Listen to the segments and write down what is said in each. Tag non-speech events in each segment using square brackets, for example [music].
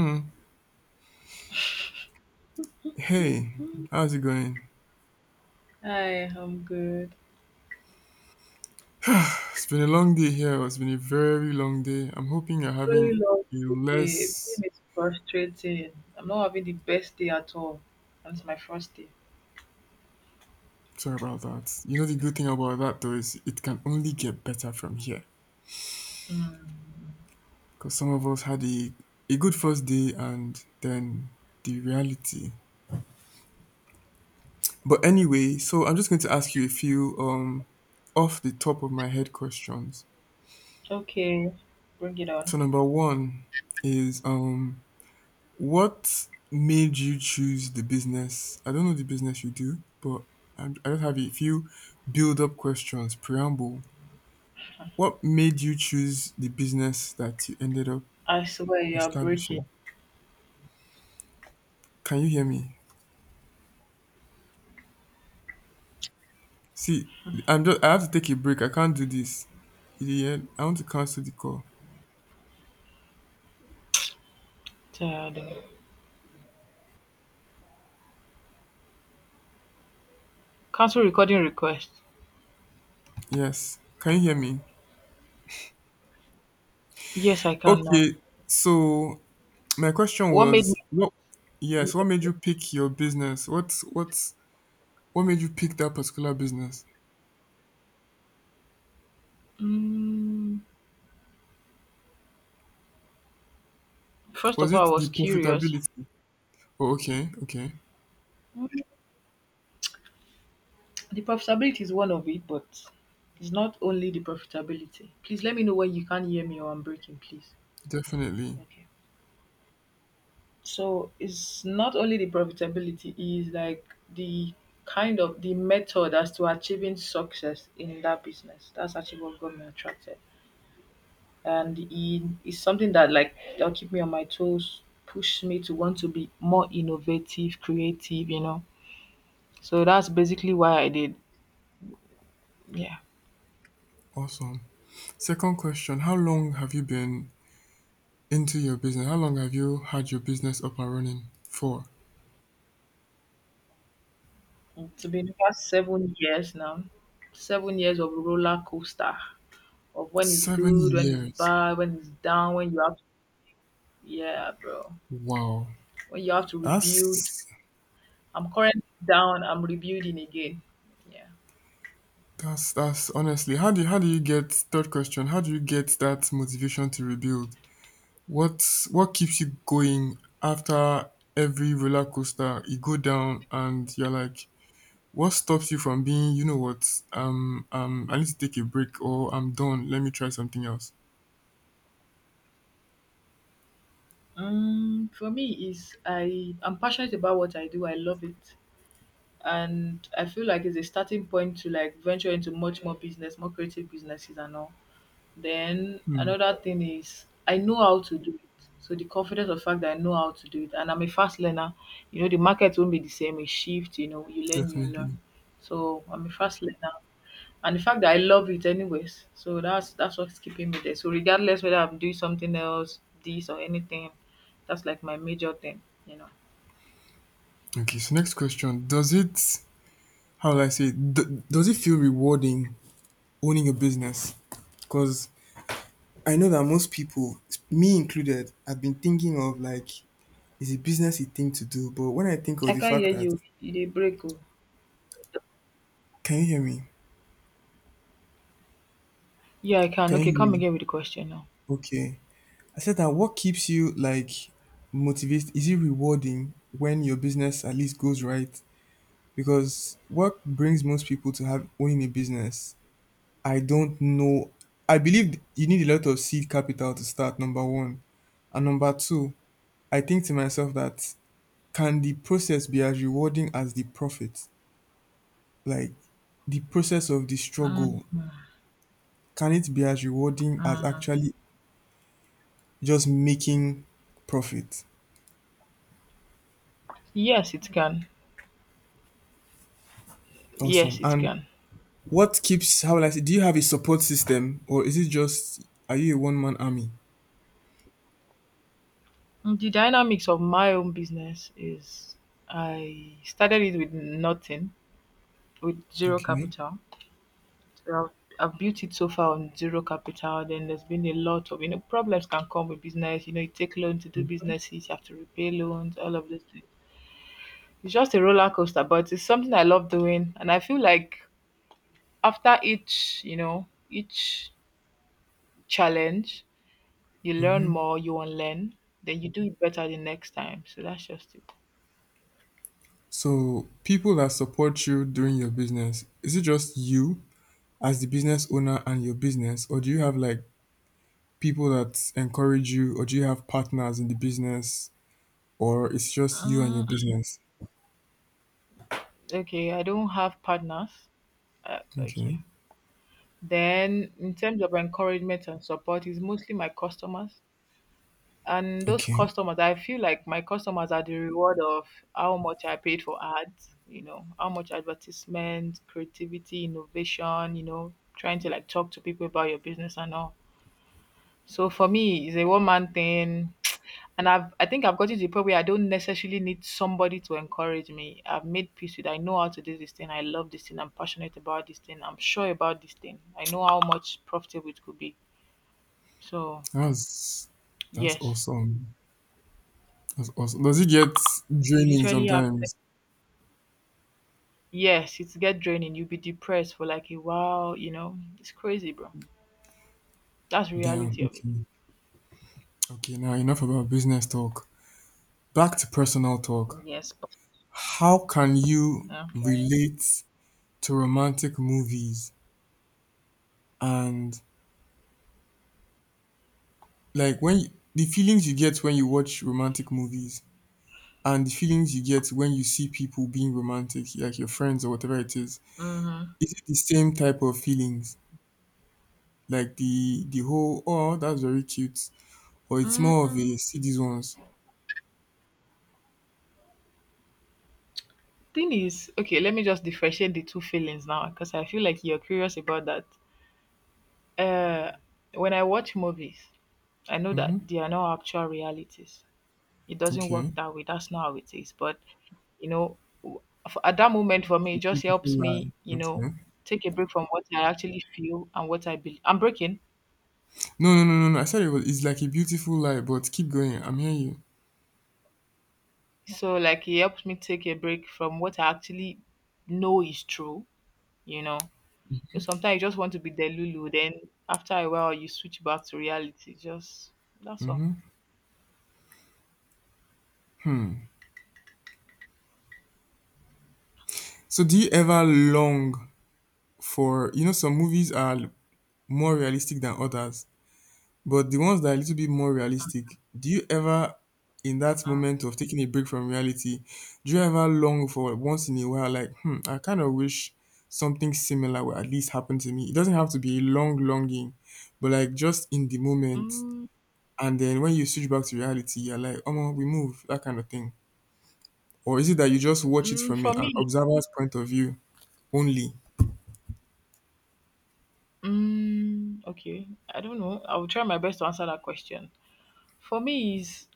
Hmm. Hey, how's it going? Hi, I'm good. It's been a long day here. It's been a very long day. I'm hoping you're having Very long a day. Being less. is frustrating. I'm not having the best day at all. And it's my first day. Sorry about that. You know, the good thing about that though is it can only get better from here. Mm. Because some of us had a good first day and then the reality. But anyway, so I'm just going to ask you a few off the top of my head questions. Okay, bring it So on. number one is what made you choose the business? I don't know the business you do, but I just have a few build up questions, preamble. What made you choose the business that you ended up I swear you are breaking. establishing? Can you hear me? See, I'm just, I have to take a break. I can't do this. Idiot. I want to cancel the call. Tired. Oh. Cancel recording request. Yes. Can you hear me? Yes, I can now. Okay. So my question What made was me? what yes, what made you pick your business? What made you pick that particular business? Mm, first Was of all, I it the was curious. profitability? Oh, okay, okay. Mm, The profitability is one of it, but it's not only the profitability. Please let me know when you can't hear me or I'm breaking, please. Definitely. Okay. So it's not only the profitability, it's like the kind of the method as to achieving success in that business. That's actually what got me attracted. And it's something that like that'll keep me on my toes, push me to want to be more innovative, creative. So that's basically why I did. Yeah. Awesome. Second question, how long have you been into your business? How long have you had your business up and running for? To be in the past 7 years now. 7 years of roller coaster of when it's Seven good, when it's years. bad, when it's down, when you have yeah, bro. Wow. When you have to rebuild. That's I'm currently down, I'm rebuilding again. Yeah. that's honestly how do you get third question. How do you get that motivation to rebuild? What what keeps you going after every roller coaster you go down, and you're like, "What stops you from being, you know what, I need to take a break, or I'm done, let me try something else?" For me is I'm passionate about what I do. I love it. And I feel like it's a starting point to like venture into much more business, more creative businesses and all. Then Hmm, another thing is I know how to do it. So the confidence of fact that I know how to do it and I'm a fast learner. The market won't be the same, it shift, you learn, you definitely. learn. So I'm a fast learner, and the fact that I love it anyways. So that's what's keeping me there. So regardless whether I'm doing something else, this or anything, that's like my major thing. Okay, so next question. Does it, how will I say, it? Does it feel rewarding owning a business? Because I know that most people, me included, have been thinking of like, is it business a thing to do? But when I think of I the can't fact hear that, you. You did break. Oh. can you hear me? Yeah, I can. Can Okay, you hear come me? again with the question now. Okay. I said that what keeps you like motivated? Is it rewarding when your business at least goes right? Because what brings most people to have owning a business, I don't know. I believe you need a lot of seed capital to start, number one. And number two, I think to myself that can the process be as rewarding as the profit? Like the process of the struggle, can it be as rewarding as Mm-hmm. actually just making profit? Yes, it can. Awesome. Yes, it And can. What keeps how will I say do you have a support system, or is it just, are you a one man army? The dynamics of my own business is I started it with nothing, with zero Okay. capital. So I've built it so far on zero capital. Then there's been a lot of problems can come with business. You take loan to do businesses, you have to repay loans, all of those things. It's just a roller coaster, but it's something I love doing, and I feel like after each challenge, you learn more, you unlearn, then you do it better the next time. So that's just it. So people that support you during your business, is it just you as the business owner and your business, or do you have like people that encourage you, or do you have partners in the business, or it's just you and your Mm, business? okay, I don't have partners. Uh, Okay. okay. Then, in terms of encouragement and support, it's mostly my customers. And those Okay. customers, I feel like my customers are the reward of how much I paid for ads, how much advertisement, creativity, innovation, trying to like talk to people about your business and all. So for me, it's a one man thing. [tsk] And I think I've got to the point where I don't necessarily need somebody to encourage me. I've made peace with I know how to do this thing. I love this thing. I'm passionate about this thing. I'm sure about this thing. I know how much profitable it could be. So That's that's yes. awesome. That's awesome. Does it get You draining literally have sometimes? Yes, it's get draining. You'll be depressed for like a while. It's crazy, bro. That's the Damn. reality of it. Okay. Okay. Now enough about business talk. Back to personal talk. Yes. How can you Okay. relate to romantic movies and like when you, the feelings you get when you watch romantic movies and the feelings you get when you see people being romantic, like your friends or whatever it Mm-hmm. is it the same type of feelings? Like the whole, oh that's very cute, or it's more of a mm see these ones. Thing is, okay, let me just differentiate the two feelings now because I feel like you're curious about that. Uh, when I watch movies, I know Mm-hmm. that they are not actual realities. It doesn't work Okay. that way. That's not how it is. But, you know, w- f- at that moment for It's me, a it just beautiful helps lie. me, you know, Okay. take a break from what I actually feel and what I believe. I'm breaking. No, no, no, no, no. I said it was. It's like a beautiful lie, but keep going. I'm hearing you. So like it helps me take a break from what I actually know is true, you know. Because sometimes you just want to be the Lulu, then after a while you switch back to reality. Just that's all. So do you ever long for, you know, some movies are more realistic than others, but the ones that are a little bit more realistic, do you ever, in that moment of taking a break from reality, do you ever long for once in a while like, hmm, I kind of wish something similar would at least happen to me. It doesn't have to be a long longing, but like just in the moment. Mm, And then when you switch back to reality, you're like, oh, we move, that kind of thing. Or is it that you just watch it mm, from an for me, observer's point of view only? mm, okay, I don't know. I will try my best to answer that question. For me, is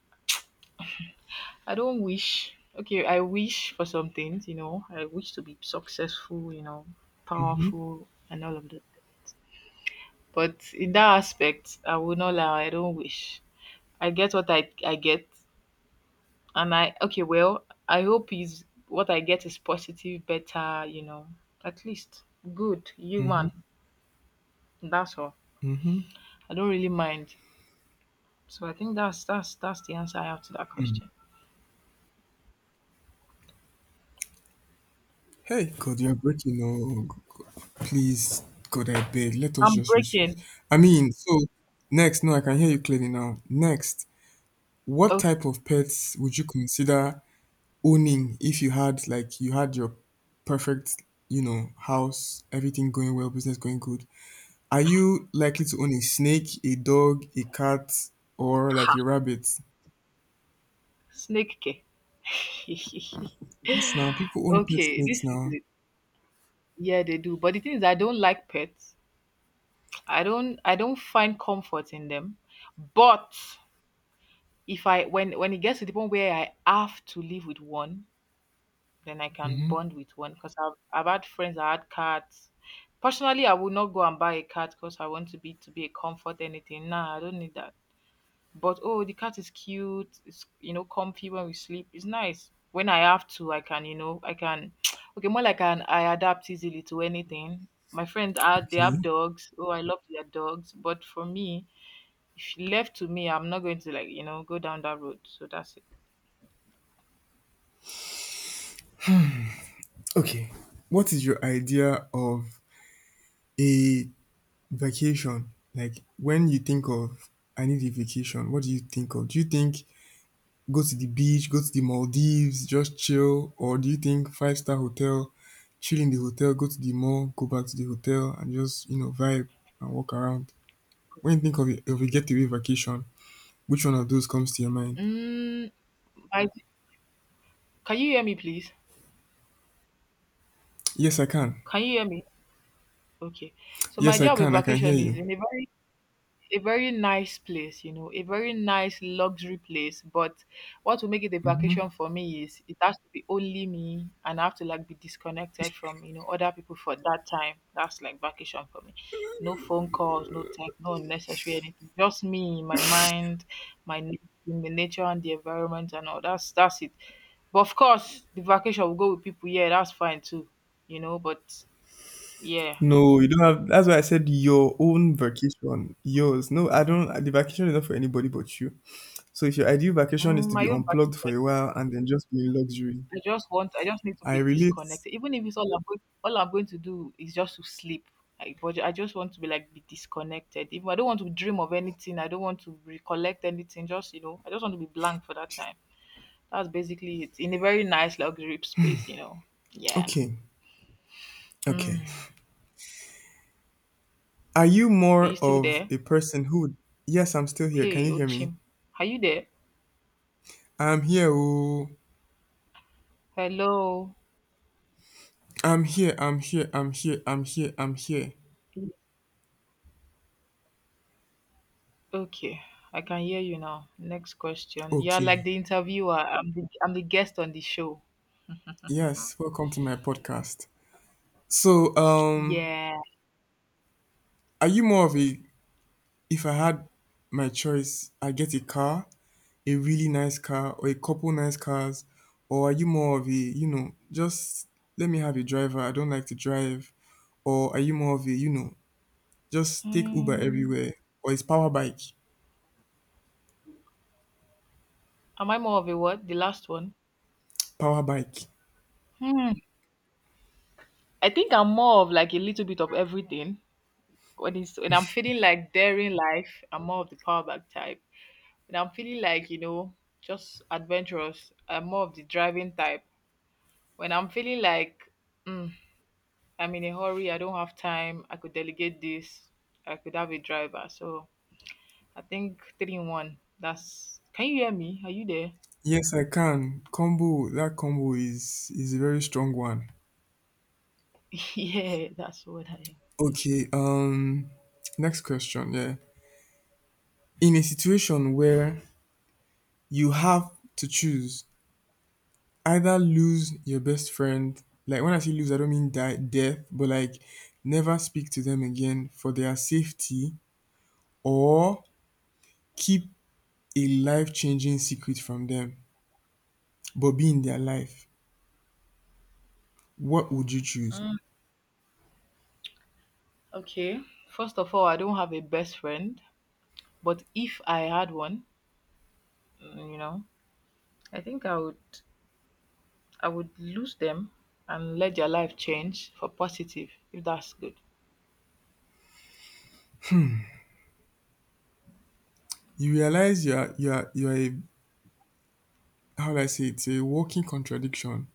I don't wish. Okay, I wish for some things. I wish to be successful. Powerful and all of that. But in that aspect, I will not lie. I don't wish. I get what I get, and I okay. Well, I hope is what I get is positive, better. At least good human. Hmm. That's all. Mm-hmm. I don't really mind. So I think that's the answer I have to that question. Hey, God, you're breaking. Oh, please, God, I beg. Let us I'm just reach it. breaking. I mean, so next, no, I can hear you clearly now. Next, what Okay, type of pets would you consider owning if you had, like, you had your perfect, you know, house, everything going well, business going good? Are you likely to own a snake, a dog, a cat, or like ha, a rabbit? snake. Ke. [laughs] Yes, now people own pet Okay, this snakes is now. it. Yeah, they do. But the thing is, I don't like pets. I don't. I don't find comfort in them. But if I when it gets to the point where I have to live with one, then I can Mm-hmm. bond with one. Because I've had friends that had cats. Personally, I would not go and buy a cat because I want to be a comfort anything. Nah, I don't need that. But oh, the cat is cute. It's comfy when we sleep. It's nice. When I have to, I can. [tsk] Okay, more like an I adapt easily to anything. My friends are they Okay. have dogs. Oh, I love their dogs. But for me, if left to me, I'm not going to like go down that road. So that's it. Okay. What is your idea of a vacation, like when you think of I need a vacation, what do you think of? Do you think go to the beach, go to the Maldives, just chill, or do you think five-star hotel, chill in the hotel, go to the mall, go back to the hotel, and just you know vibe and walk around? When you think of a getaway vacation, which one of those comes to your mind? Mm, I, can you hear me, please? Yes, I can. Can you hear me? Okay. So my Yes, I idea of a can. I can hear vacation is you. in a very nice place, a very nice luxury place. But what will make it a Hmm. vacation for me is it has to be only me and I have to like be disconnected from, other people for that time. That's like vacation for me. No phone calls, no tech, no unnecessary anything. Just me, my mind, my na- the nature and the environment and all. That's it. But of course the vacation will go with people, yeah, that's fine too. But yeah, No, you don't have. That's why I said your own vacation, yours. No, I don't. The vacation is not for anybody but you. So if your ideal vacation is Mm, to be my own unplugged for particular, a while and then just be in luxury, I just need to I be relate. disconnected. Even if it's all I'm going to do is just to sleep. But I just want to be disconnected. If I don't want to dream of anything, I don't want to recollect anything. I just want to be blank for that time. That's basically it. In a very nice luxury space. Yeah. Okay, okay. Hmm. Are you Are you more still of there? a person who? Yes, I'm still here. Can Hey, you hear me? Ochim, are you there? I'm here. Oh, Hello. I'm here. I'm here. I'm here. I'm here. I'm here. Okay, I can hear you now. Next question. You're like Okay. the interviewer. I'm the guest on the show. Yes. Welcome to my podcast. So, Yeah. are you more of a, if I had my choice, I get a car, a really nice car, or a couple nice cars. Or are you more of a, you know, just let me have a driver, I don't like to drive? Or are you more of a, you know, just take Uber Mm, everywhere? Or is power bike? am I more of a what? The last one? Power bike. Hmm. I think I'm more of like a little bit of everything. When I'm feeling like daring life, I'm more of the power back type. When I'm feeling like just adventurous, I'm more of the driving type. When I'm feeling like mm, I'm in a hurry, I don't have time, I could delegate this, I could have a driver. So I think three in one. That's Can you hear me? Are you there? Yes, I can. Combo, that combo is a very strong one. [laughs] Yeah, that's what I Okay, next question, yeah. In a situation where you have to choose either lose your best friend, like when I say lose I don't mean die death, but like never speak to them again for their safety, or keep a life-changing secret from them but be in their life, what would you choose? am. Okay. First of all, I don't have a best friend, but if I had one, mm, you know, I think I would lose them and let their life change for positive, if that's good. You realize you're a, how do I say it? It's a walking contradiction,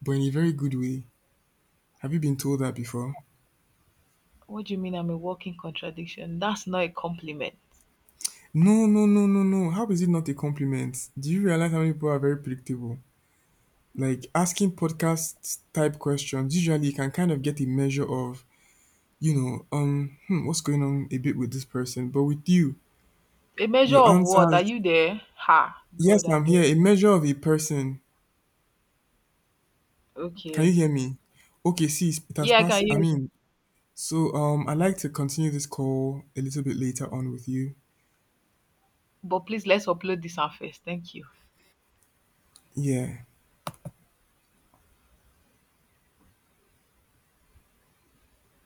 but in a very good way. Have you been told that before? What do you mean I'm a walking contradiction? That's not a compliment. No, no, no, no, no, how is it not a compliment? Do you realize how many people are very predictable, like asking podcast type questions? Usually you can kind of get a measure of, you know, what's going on a bit with this person. But with you, A measure your of what? Are answers, you there? Ha. God, yes, I I'm beg. here, a measure of a person. Can you Okay. hear me? Okay, see, it has Yeah, I passed. can I hear you. mean, so I'd like to continue this call a little bit later on with you. But please let's upload this one first. Thank you. Yeah.